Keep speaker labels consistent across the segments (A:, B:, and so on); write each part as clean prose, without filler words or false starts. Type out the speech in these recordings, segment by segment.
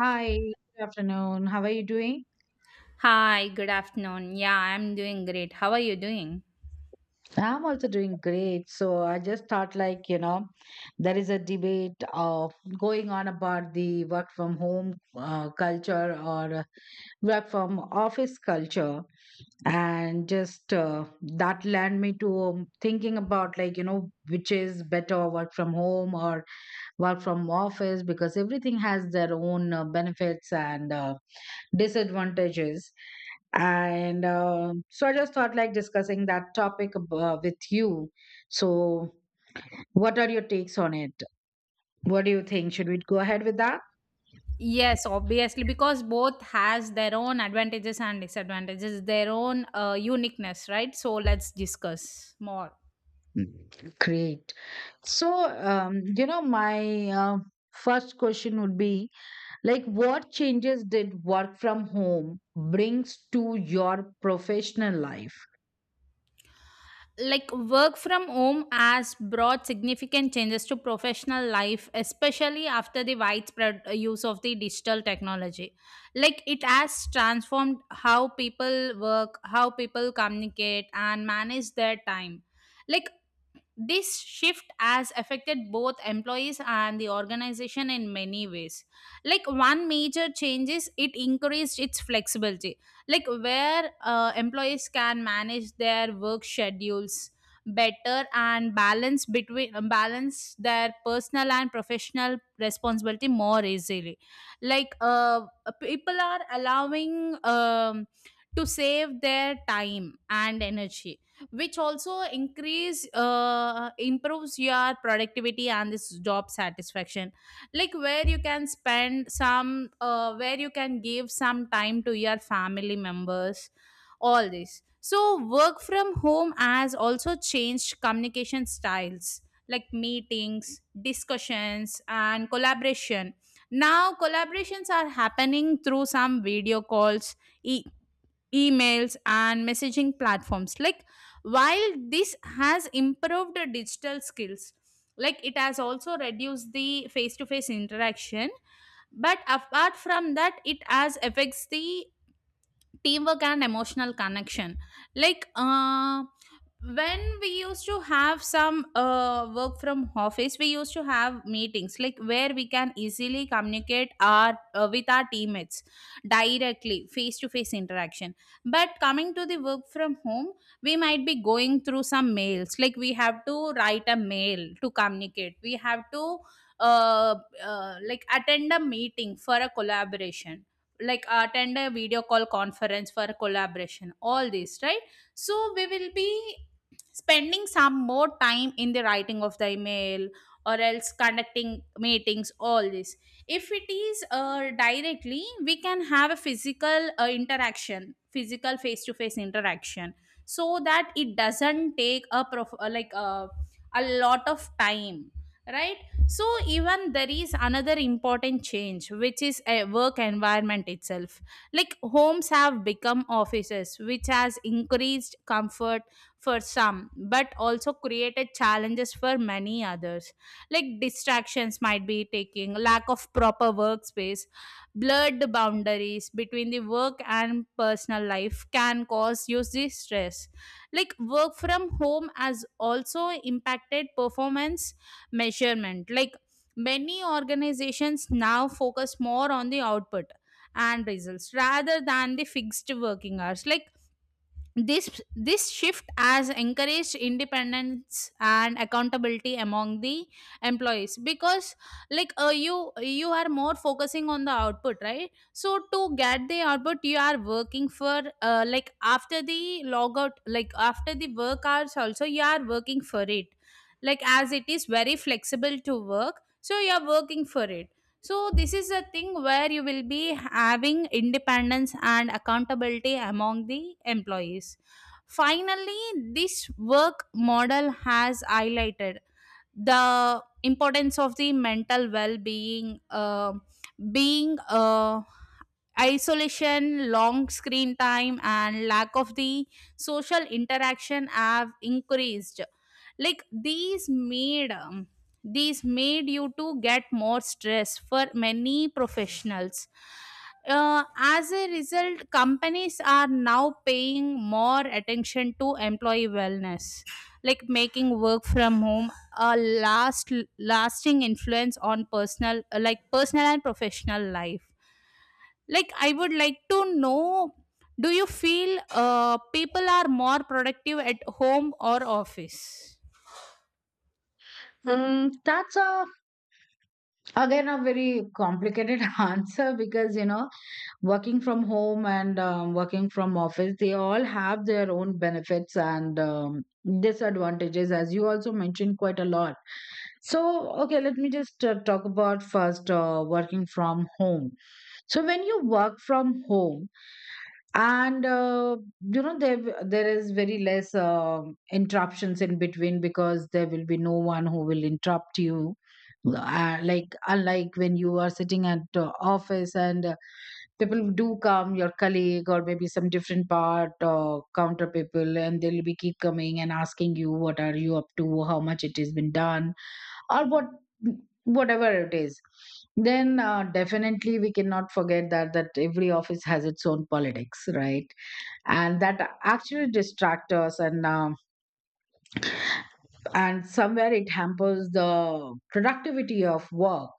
A: Hi, good afternoon. How are you doing?
B: Hi, good afternoon. Yeah, I'm doing great. How are you doing?
A: I'm also doing great. So I just thought, like, you know, there is a debate of going on about the work from home culture or work from office culture. And just that led me to thinking about, like, you know, which is better, work from home or work from office, because everything has their own benefits and disadvantages. And um so i just thought like discussing that topic with you. So what are your takes on it? What do you think, should we go ahead with that?
B: Yes, obviously, because both has their own advantages and disadvantages, their own uniqueness, right? So let's discuss more.
A: Great. So, you know, my first question would be, like, what changes did work from home brings to your professional life?
B: Like work from home has brought significant changes to professional life, especially after the widespread use of the digital technology. Like it has transformed how people work, how people communicate, and manage their time like this shift has affected both employees and the organization in many ways. Like one major change is it increased its flexibility, like where employees can manage their work schedules better and balance their personal and professional responsibility more easily. Like people are allowing to save their time and energy, which also increase improves your productivity and this job satisfaction, like where you can spend some where you can give some time to your family members, all this. So work from home has also changed communication styles, like meetings, discussions, and collaboration. Now collaborations are happening through some video calls, e- emails, and messaging platforms. Like while this has improved digital skills, like it has also reduced the face to face interaction, but apart from that it has affects the teamwork and emotional connection. Like when we used to have some work from office, we used to have meetings, like where we can easily communicate our with our teammates directly, face to face interaction. But coming to the work from home, we might be going through some mails, like we have to write a mail to communicate, we have to uh, like attend a meeting for a collaboration, like attend a video call conference for collaboration, all this, right? So we will be spending some more time in the writing of the email or else conducting meetings, all this. If it is directly, we can have a physical interaction, physical face to face interaction, so that it doesn't take a prof- like a lot of time, right? So even there is another important change, which is a work environment itself. Like homes have become offices, which has increased comfort for some, but also created challenges for many others. Like distractions might be taking, lack of proper workspace, blurred boundaries between the work and personal life can cause you the stress. Like work from home has also impacted performance measurement. Like many organizations now focus more on the output and results rather than the fixed working hours. Like this this shift has encouraged independence and accountability among the employees, because like you are more focusing on the output, right? So to get the output, you are working for, like after the logout, like after the work hours also you are working for it, like as it is very flexible to work, so you are working for it. So this is a thing where you will be having independence and accountability among the employees. Finally, this work model has highlighted the importance of the mental well-being being isolation, long screen time, and lack of the social interaction have increased. Like these made you to get more stress for many professionals. As a result, companies are now paying more attention to employee wellness, like making work from home a lasting influence on personal and professional life. Like I would like to know, do you feel people are more productive at home or office?
A: Mm, that's a, again, a very complicated answer, because, you know, working from home and working from office, they all have their own benefits and disadvantages, as you also mentioned quite a lot. So okay, let me just talk about first working from home. So when you work from home and you know, there is very less interruptions in between, because there will be no one who will interrupt you, like unlike when you are sitting at office and people do come, your colleague or maybe some different part or counter people, and they'll be keep coming and asking you what are you up to, how much it has been done or what, whatever it is. Then definitely we cannot forget that every office has its own politics, right? And that actually distract us, and um, and somewhere it hampers the productivity of work.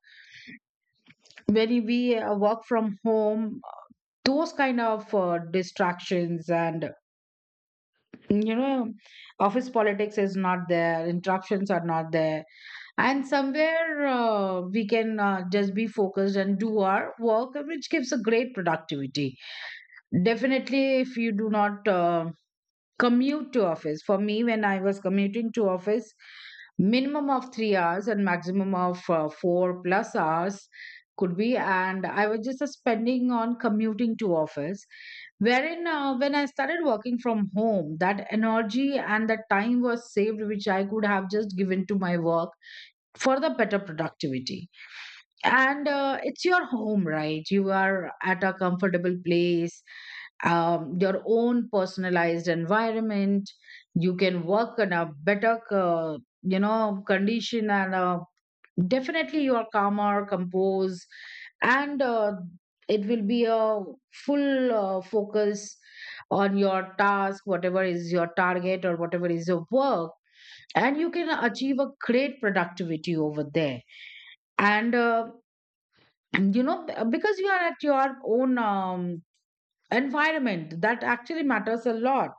A: When we work from home, those kind of distractions and, you know, office politics is not there, interruptions are not there, and somewhere we can just be focused and do our work, which gives a great productivity. Definitely if you do not commute to office. For me, when I was commuting to office, minimum of 3 hours and maximum of 4 plus hours could be, and I was just spending on commuting to office, wherein when I started working from home, that energy and the time was saved, which I could have just given to my work for the better productivity. And it's your home, right? You are at a comfortable place, your own personalized environment. You can work in a better, you know, condition, and definitely you are calmer, composed, and it will be a full focus on your task, whatever is your target or whatever is your work, and you can achieve a great productivity over there. And you know, because you are at your own environment, that actually matters a lot.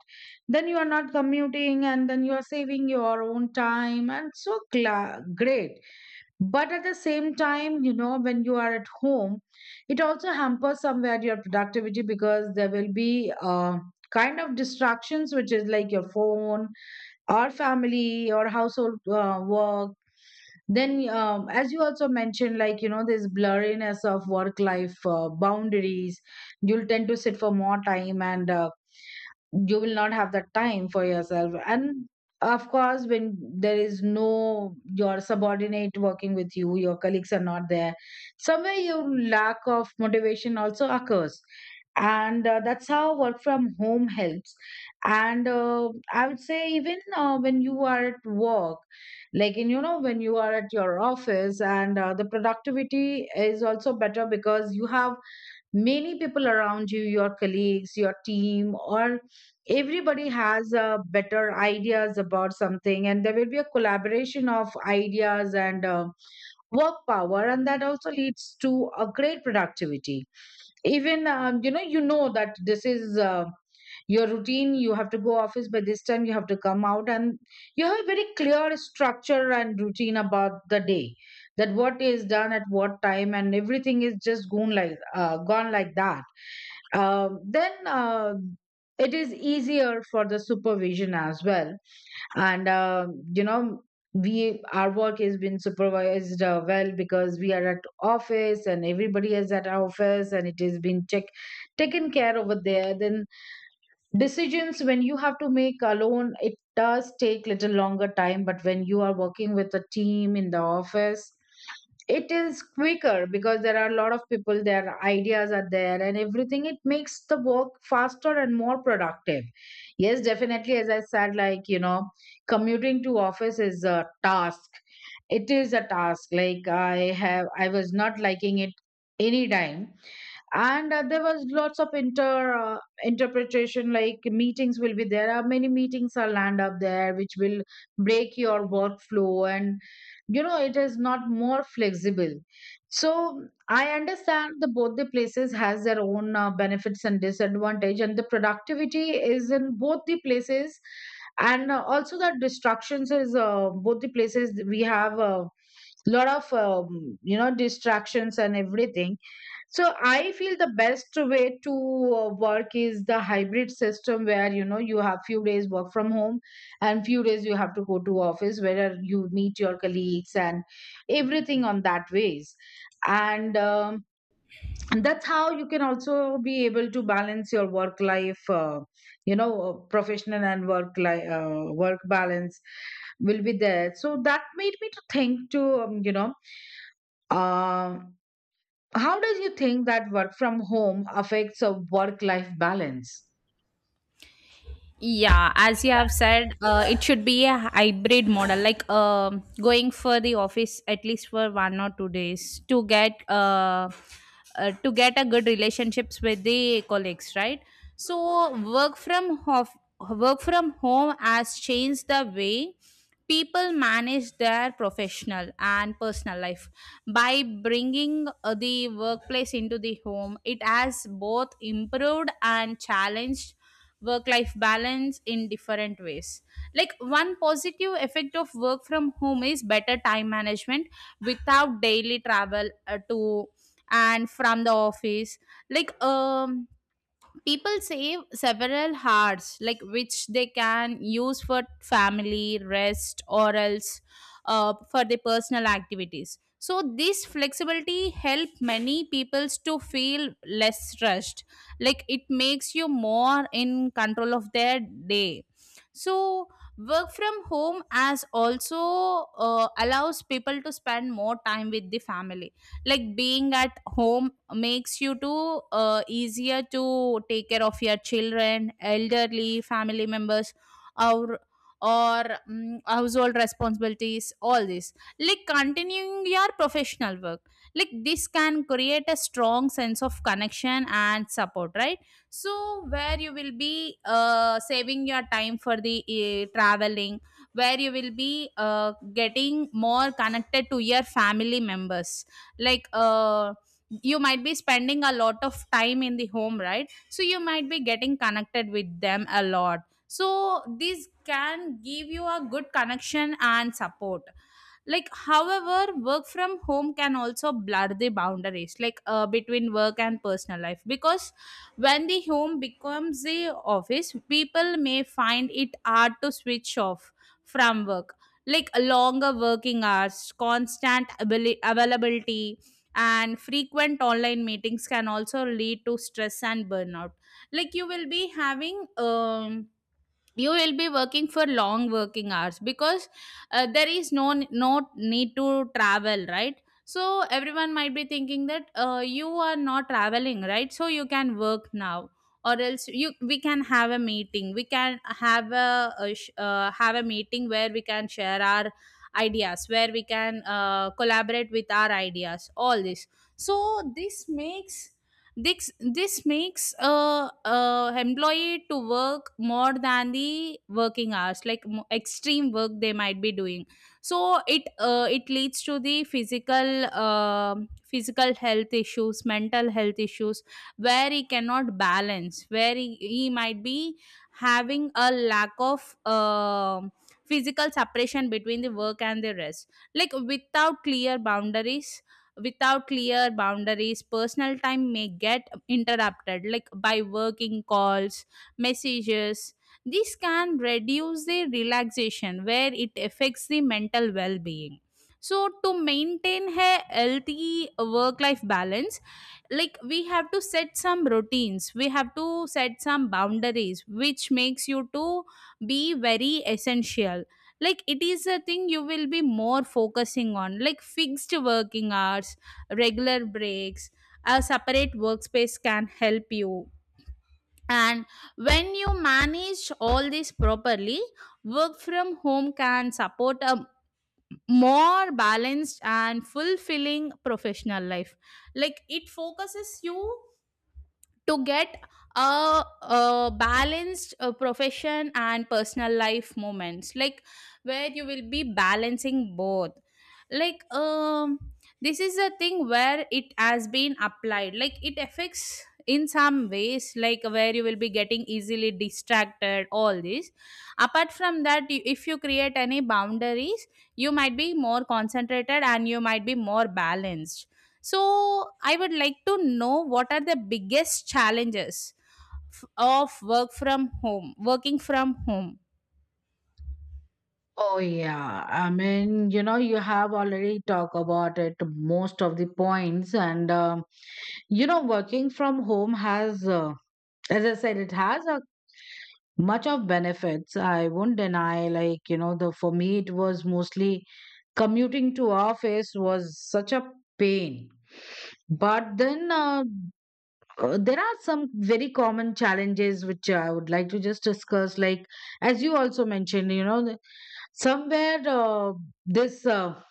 A: Then you are not commuting, and then you are saving your own time, and so great. But at the same time, you know, when you are at home, it also hampers somewhere your productivity, because there will be kind of distractions which is like your phone or family or household work. Then as you also mentioned, like, you know, this blurriness of work life boundaries, you'll tend to sit for more time, and you will not have the time for yourself. And of course, when there is no your subordinate working with you, your colleagues are not there, somewhere your lack of motivation also occurs. And that's how work from home helps. And I would say even when you are at work, like in, you know, when you are at your office, and the productivity is also better, because you have many people around you, your colleagues, your team, or everybody has better ideas about something, and there will be a collaboration of ideas and work power, and that also leads to a great productivity. Even you know, you know that this is your routine, you have to go office by this time, you have to come out, and you have a very clear structure and routine about the day, that what is done at what time, and everything is just gone, like gone like that. Um, then it is easier for the supervision as well. And you know, we, our work has been supervised well, because we are at office and everybody is at our office, and it has been check, taken care over there. Then decisions, when you have to make alone, it does take little longer time, but when you are working with a team in the office, it is quicker, because there are a lot of people, their ideas are there and everything, it makes the work faster and more productive. Yes, definitely, as I said, like, you know, commuting to office is a task. It is a task. Like I have, I was not liking it any time. And there was lots of inter interpretation, like meetings will be there, are many meetings are land up there, which will break your workflow, and you know, it is not more flexible. So I understand the both the places has their own benefits and disadvantage, and the productivity is in both the places. And also the distractions is both the places, we have a lot of you know, distractions and everything. So I feel the best way to work is the hybrid system, where, you know, you have few days work from home and few days you have to go to office where you meet your colleagues and everything on that ways. And and that's how you can also be able to balance your work life, you know, professional and work life work balance will be there. So that made me to think to, you know, um, how does you think that work from home affects a work life balance?
B: Yeah, as you have said, it should be a hybrid model, like going for the office at least for 1 or 2 days to get a good relationships with the colleagues, right? So work from home has changed the way people manage their professional and personal life by bringing the workplace into the home. It has both improved and challenged work life balance in different ways. Like one positive effect of work from home is better time management without daily travel to and from the office. Like people save several hours, like which they can use for family, rest, or else for their personal activities. So this flexibility help many peoples to feel less stressed, like it makes you more in control of their day. So work from home as also allows people to spend more time with the family. Like being at home makes you to easier to take care of your children, elderly family members, or household responsibilities, all this, like continuing your professional work. Like this can create a strong sense of connection and support, right? So where you will be saving your time for the traveling, where you will be getting more connected to your family members. Like you might be spending a lot of time in the home, right? So you might be getting connected with them a lot. So this can give you a good connection and support. Like however work from home can also blur the boundaries, like between work and personal life, because when the home becomes the office, people may find it hard to switch off from work. Like longer working hours, availability, and frequent online meetings can also lead to stress and burnout. Like you will be having, you will be working for long working hours, because there is no need to travel, right? So everyone might be thinking that you are not traveling, right? So you can work now, or else you we can have a meeting, we can have have a meeting where we can share our ideas, where we can collaborate with our ideas, all this. So this makes this makes a employee to work more than the working hours, like extreme work they might be doing. So it leads to the physical health issues, mental health issues, where he cannot balance, where he might be having a lack of physical separation between the work and the rest. Like without clear boundaries personal time may get interrupted, like by working calls, messages. This can reduce the relaxation where it affects the mental well-being. So to maintain a healthy work life balance, like we have to set some routines, we have to set some boundaries, which makes you to be very essential. Like it is a thing you will be more focusing on, like fixed working hours, regular breaks, a separate workspace can help you. And when you manage all this properly, work from home can support a more balanced and fulfilling professional life. Like it focuses you to get a balanced profession and personal life moments, like where you will be balancing both. Like this is a thing where it has been applied, like it affects in some ways, like where you will be getting easily distracted, all this. Apart from that, if you create any boundaries, you might be more concentrated and you might be more balanced. So I would like to know, what are the biggest challenges of work from home, working from home?
A: Oh yeah, I mean, you know, you have already talked about it most of the points, and you know, working from home has, as I said, it has a much of benefits. I won't deny, like you know, the, for me it was mostly commuting to office was such a pain. But then there are some very common challenges which I would like to just discuss. Like, as you also mentioned, you know, somewhere this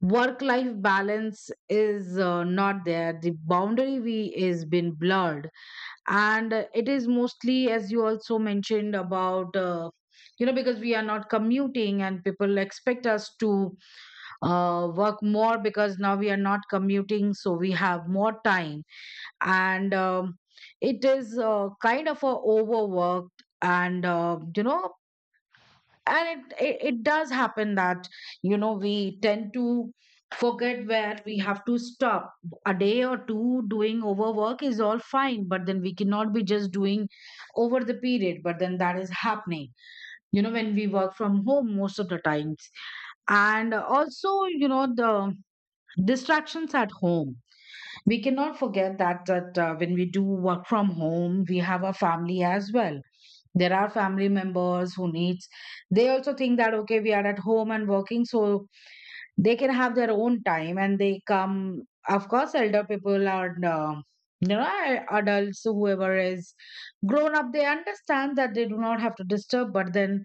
A: work life balance is not there. The boundary we is been blurred, and it is mostly, as you also mentioned, about. You know, because we are not commuting and people expect us to work more, because now we are not commuting, so we have more time. And it is kind of a overworked, and you know, and it does happen that, you know, we tend to forget where we have to stop. A day or two doing overwork is all fine, but then we cannot be just doing over the period, but then that is happening, you know, when we work from home most of the times. And also, you know, the distractions at home, we cannot forget that when we do work from home, we have a family as well. There are family members who needs, they also think that okay, we are at home and working, so they can have their own time and they come. Of course, elder people and you know, adults, whoever is grown up, they understand that they do not have to disturb, but then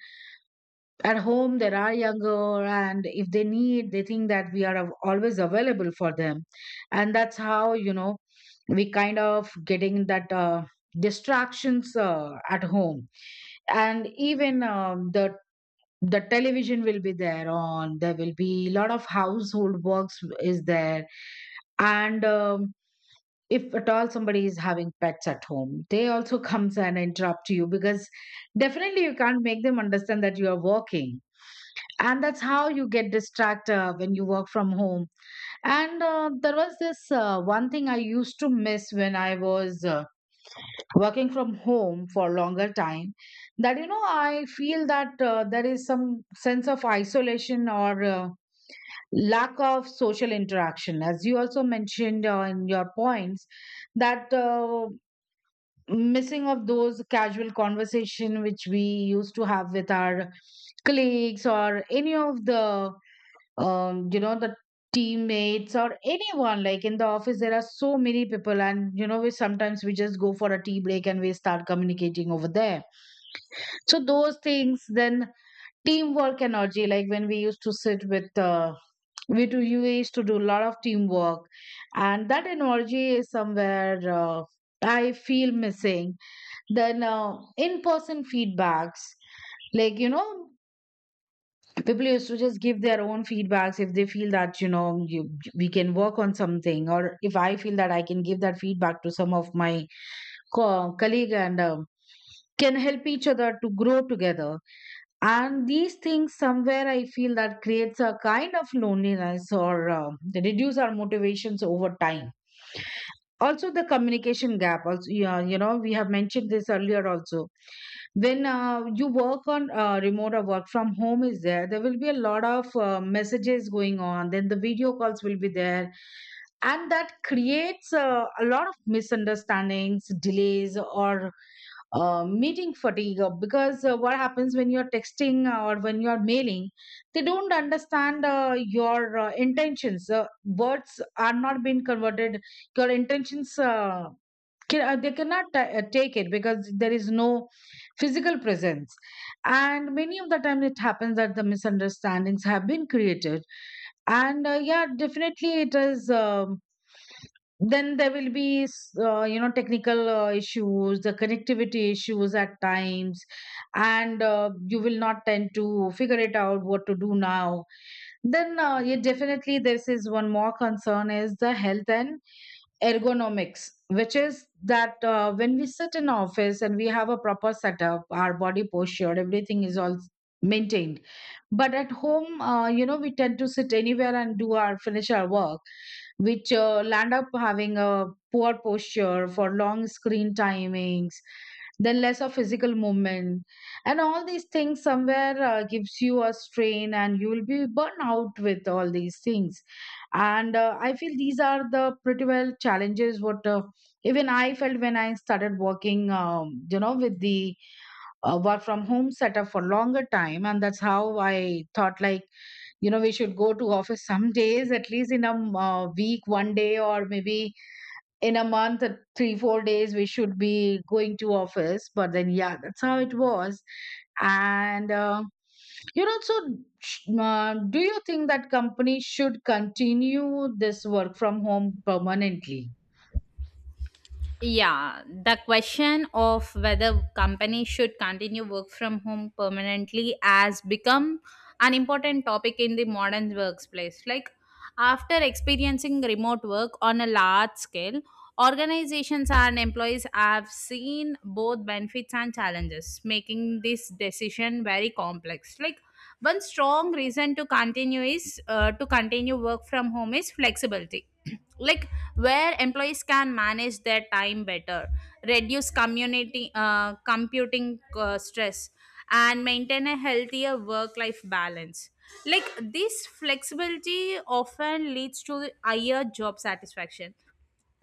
A: at home there are younger, and if they need, they think that we are always available for them. And that's how, you know, we kind of getting that distractions at home. And even the television will be there on, there will be a lot of household works is there. And if at all somebody is having pets at home, they also comes and interrupt you, because definitely you can't make them understand that you are working, and that's how you get distracted when you work from home. And there was this one thing I used to miss when I was working from home for longer time, that, you know, I feel that there is some sense of isolation, or lack of social interaction, as you also mentioned in your points, that missing of those casual conversation which we used to have with our colleagues or any of the, you know, the teammates or anyone. Like in the office, there are so many people, and you know, we sometimes, we just go for a tea break and we start communicating over there. So those things, then teamwork energy. Like when we used to sit with, we do you used to do a lot of teamwork, and that energy is somewhere. I feel missing. Then in person feedbacks, like people used to just give their own feedbacks if they feel that we can work on something, or if I feel that I can give that feedback to some of my colleague, and can help each other to grow together. And these things somewhere I feel that creates a kind of loneliness, or reduce our motivations over time. Also the communication gap also. Yeah, we have mentioned this earlier also. When you work on remote or work from home is there will be a lot of messages going on, then the video calls will be there, and that creates a lot of misunderstandings, delays, or meeting fatigue, because what happens when you're texting or when you're mailing, they don't understand your intentions, words are not being converted. Your intentions they cannot take it because there is no physical presence. And many of the times it happens that the misunderstandings have been created. And yeah, definitely it is. Then there will be technical issues, the connectivity issues at times. And you will not tend to figure it out what to do now. Then yeah, definitely, this is one more concern, is the health and ergonomics, which is that when we sit in office and we have a proper setup, our body posture, everything is all maintained. But at home, we tend to sit anywhere and do our finish our work, which land up having a poor posture for long screen timings, then less of physical movement. And all these things somewhere gives you a strain, and you will be burnt out with all these things. And I feel these are the pretty well challenges, what even I felt when I started working, with the work from home setup for longer time. And that's how I thought, like we should go to office some days, at least in a week, one day, or maybe in a month 3-4 days we should be going to office. But then yeah, that's how it was. And so do you think that companies should continue this work from home permanently?
B: Yeah, the question of whether companies should continue work from home permanently has become an important topic in the modern workplace. Like after experiencing remote work on a large scale, organizations and employees have seen both benefits and challenges, making this decision very complex. Like one strong reason to continue work from home is flexibility. Like where employees can manage their time better, reduce community computing stress, and maintain a healthier work-life balance. Like this flexibility often leads to higher job satisfaction,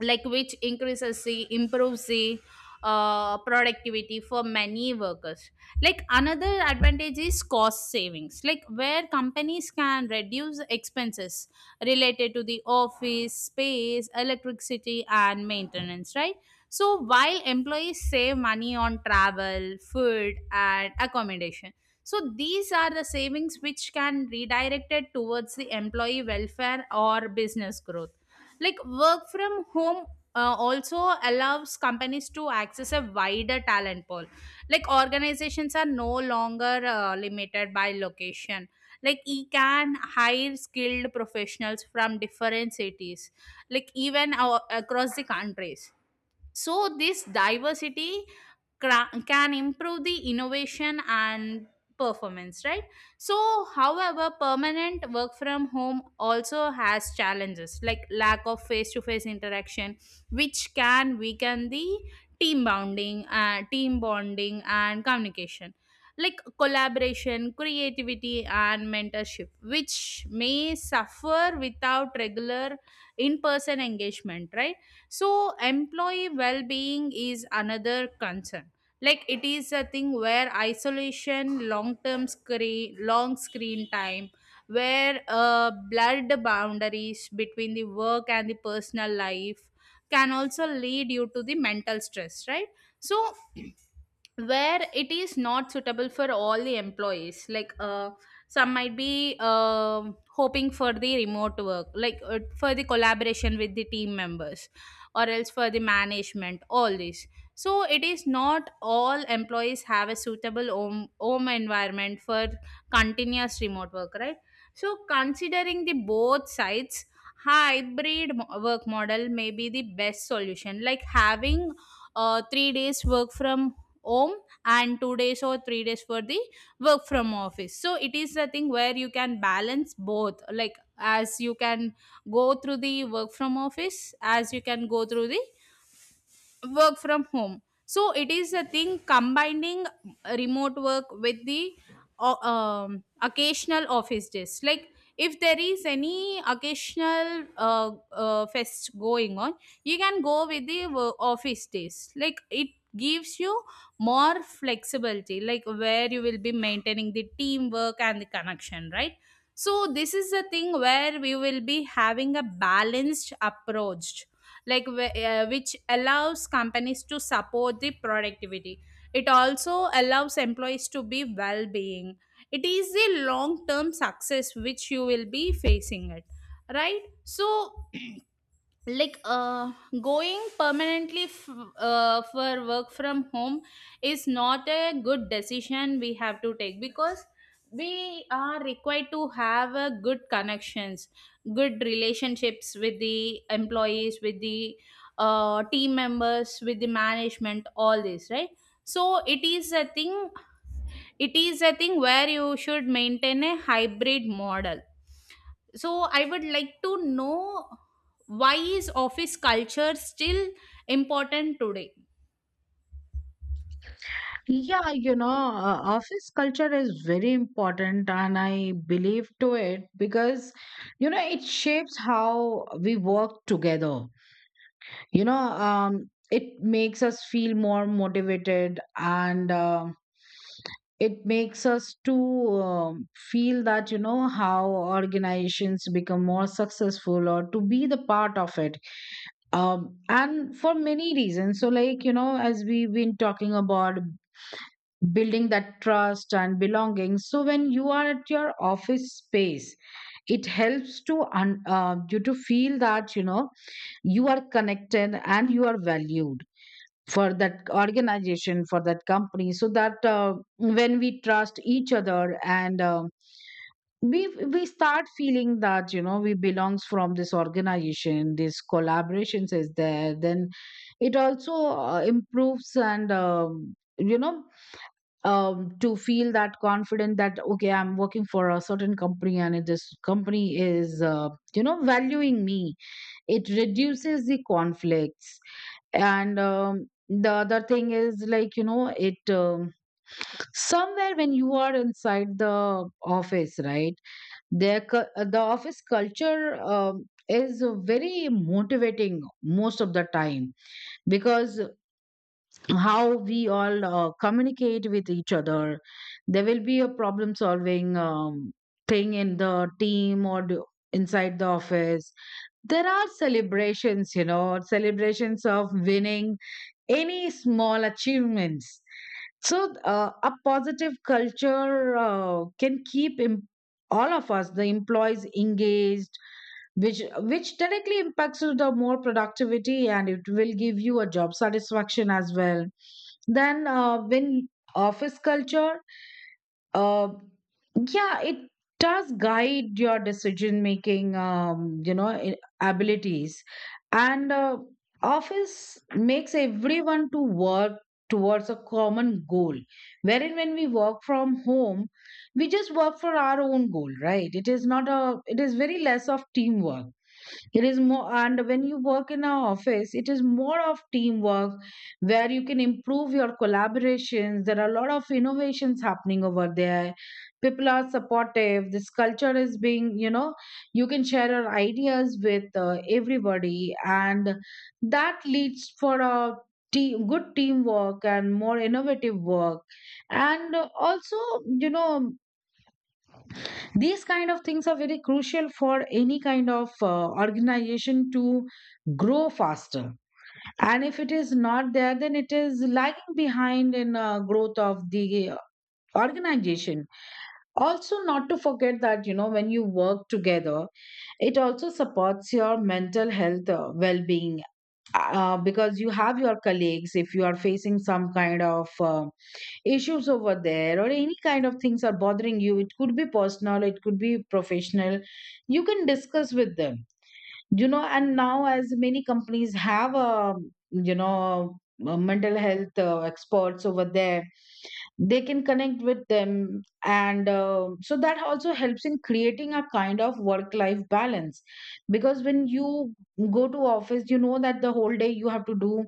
B: like which increases the improves the productivity for many workers. Like another advantage is cost savings, like where companies can reduce expenses related to the office space, electricity, and maintenance, right? So while employees save money on travel, food, and accommodation. So these are the savings which can redirected towards the employee welfare or business growth. Like work from home also allows companies to access a wider talent pool. Like organizations are no longer limited by location. Like you can hire skilled professionals from different cities, like even across the countries. So this diversity can improve the innovation and performance, right? So however permanent work from home also has challenges, like lack of face to face interaction which can weaken the team bonding and communication. Like collaboration, creativity, and mentorship which may suffer without regular in person engagement, right? So employee well-being is another concern. Like it is a thing where isolation, long screen time, where blurred boundaries between the work and the personal life can also lead you to the mental stress, right? So where it is not suitable for all the employees, like some might be hoping for the remote work, like for the collaboration with the team members, or else for the management, all this. So it is not all employees have a suitable home environment for continuous remote work, right? So considering the both sides, hybrid work model may be the best solution, like having 3 days work from home and 2 days or 3 days for the work from office. So it is a thing where you can balance both, like as you can go through the work from office, as you can go through the work from home. So it is a thing combining remote work with the occasional office days, like if there is any occasional fest going on, you can go with the office days. Like it gives you more flexibility, like where you will be maintaining the teamwork and the connection, right? So this is a thing where we will be having a balanced approach, like which allows companies to support the productivity. It also allows employees to be well being. It is the long term success which you will be facing it, right? So like going permanently for work from home is not a good decision we have to take, because we are required to have a good connections, good relationships with the employees, with the team members, with the management, all this, right? So it is a thing where you should maintain a hybrid model. So I would like to know, why is office culture still important today?
A: Yeah, office culture is very important, and I believe to it because, it shapes how we work together. You know, um, it makes us feel more motivated, and it makes us to feel that how organizations become more successful, or to be the part of it. And for many reasons. So like as we've been talking about, building that trust and belonging. So when you are at your office space, it helps to you to feel that you are connected and you are valued for that organization, for that company. So that when we trust each other, and we we start feeling that we belongs from this organization, this collaborations is there, then it also improves. And you know to feel that confident that okay, I'm working for a certain company, and if this company is valuing me, it reduces the conflicts. And the other thing is like it somewhere when you are inside the office, right, there the office culture is very motivating most of the time, because how we all communicate with each other. There will be a problem solving thing in the team, or inside the office, there are celebrations, celebrations of winning any small achievements. So, a positive culture can keep all of us, the employees, engaged, which directly impacts to the more productivity, and it will give you a job satisfaction as well. Then, when office culture uh, yeah, it does guide your decision making, abilities. And office makes everyone to work towards a common goal, wherein when we work from home, we just work for our own goal, right? It is not a it is very less of teamwork. It is more. And when you work in an office, it is more of teamwork, where you can improve your collaborations. There are a lot of innovations happening over there, people are supportive, this culture is being, you can share your ideas with everybody, and that leads for a good teamwork and more innovative work. And also, you know these kind of things are very crucial for any kind of organization to grow faster. And if it is not there, then it is lagging behind in growth of the organization. Also, not to forget that when you work together, it also supports your mental health, well-being, because you have your colleagues. If you are facing some kind of issues over there, or any kind of things are bothering you, it could be personal, it could be professional, you can discuss with them, and now as many companies have mental health experts over there, they can connect with them, and so that also helps in creating a kind of work life balance. Because when you go to office, you know that the whole day you have to do.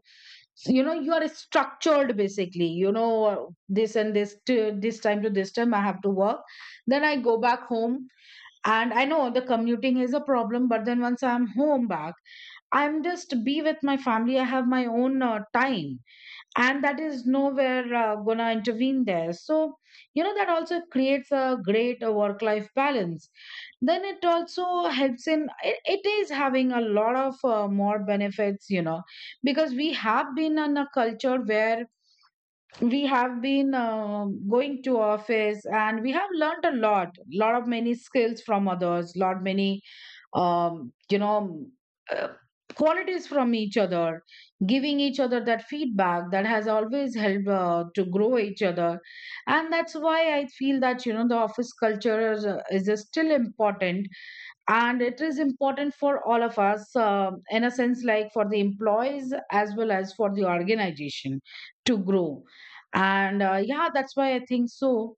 A: So, you are structured, basically, this and this to this time, to this time I have to work, then I go back home, and I know the commuting is a problem, but then once I'm home back, I'm just be with my family, I have my own time. And that is nowhere gonna intervene there. So that also creates a great work life balance. Then it also helps in it is having a lot of more benefits, because we have been in a culture where we have been going to office, and we have learned a lot of many skills from others, lot many um, you know uh, qualities from each other, giving each other that feedback that has always helped to grow each other. And that's why I feel that the office culture is still important. And it is important for all of us, in a sense, like, for the employees as well as for the organization to grow. And yeah, that's why I think so.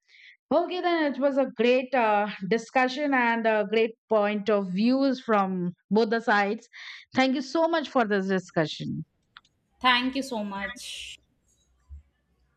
A: Okay, then it was a great discussion, and a great point of views from both the sides. Thank you so much for this discussion.
B: Thank you so much.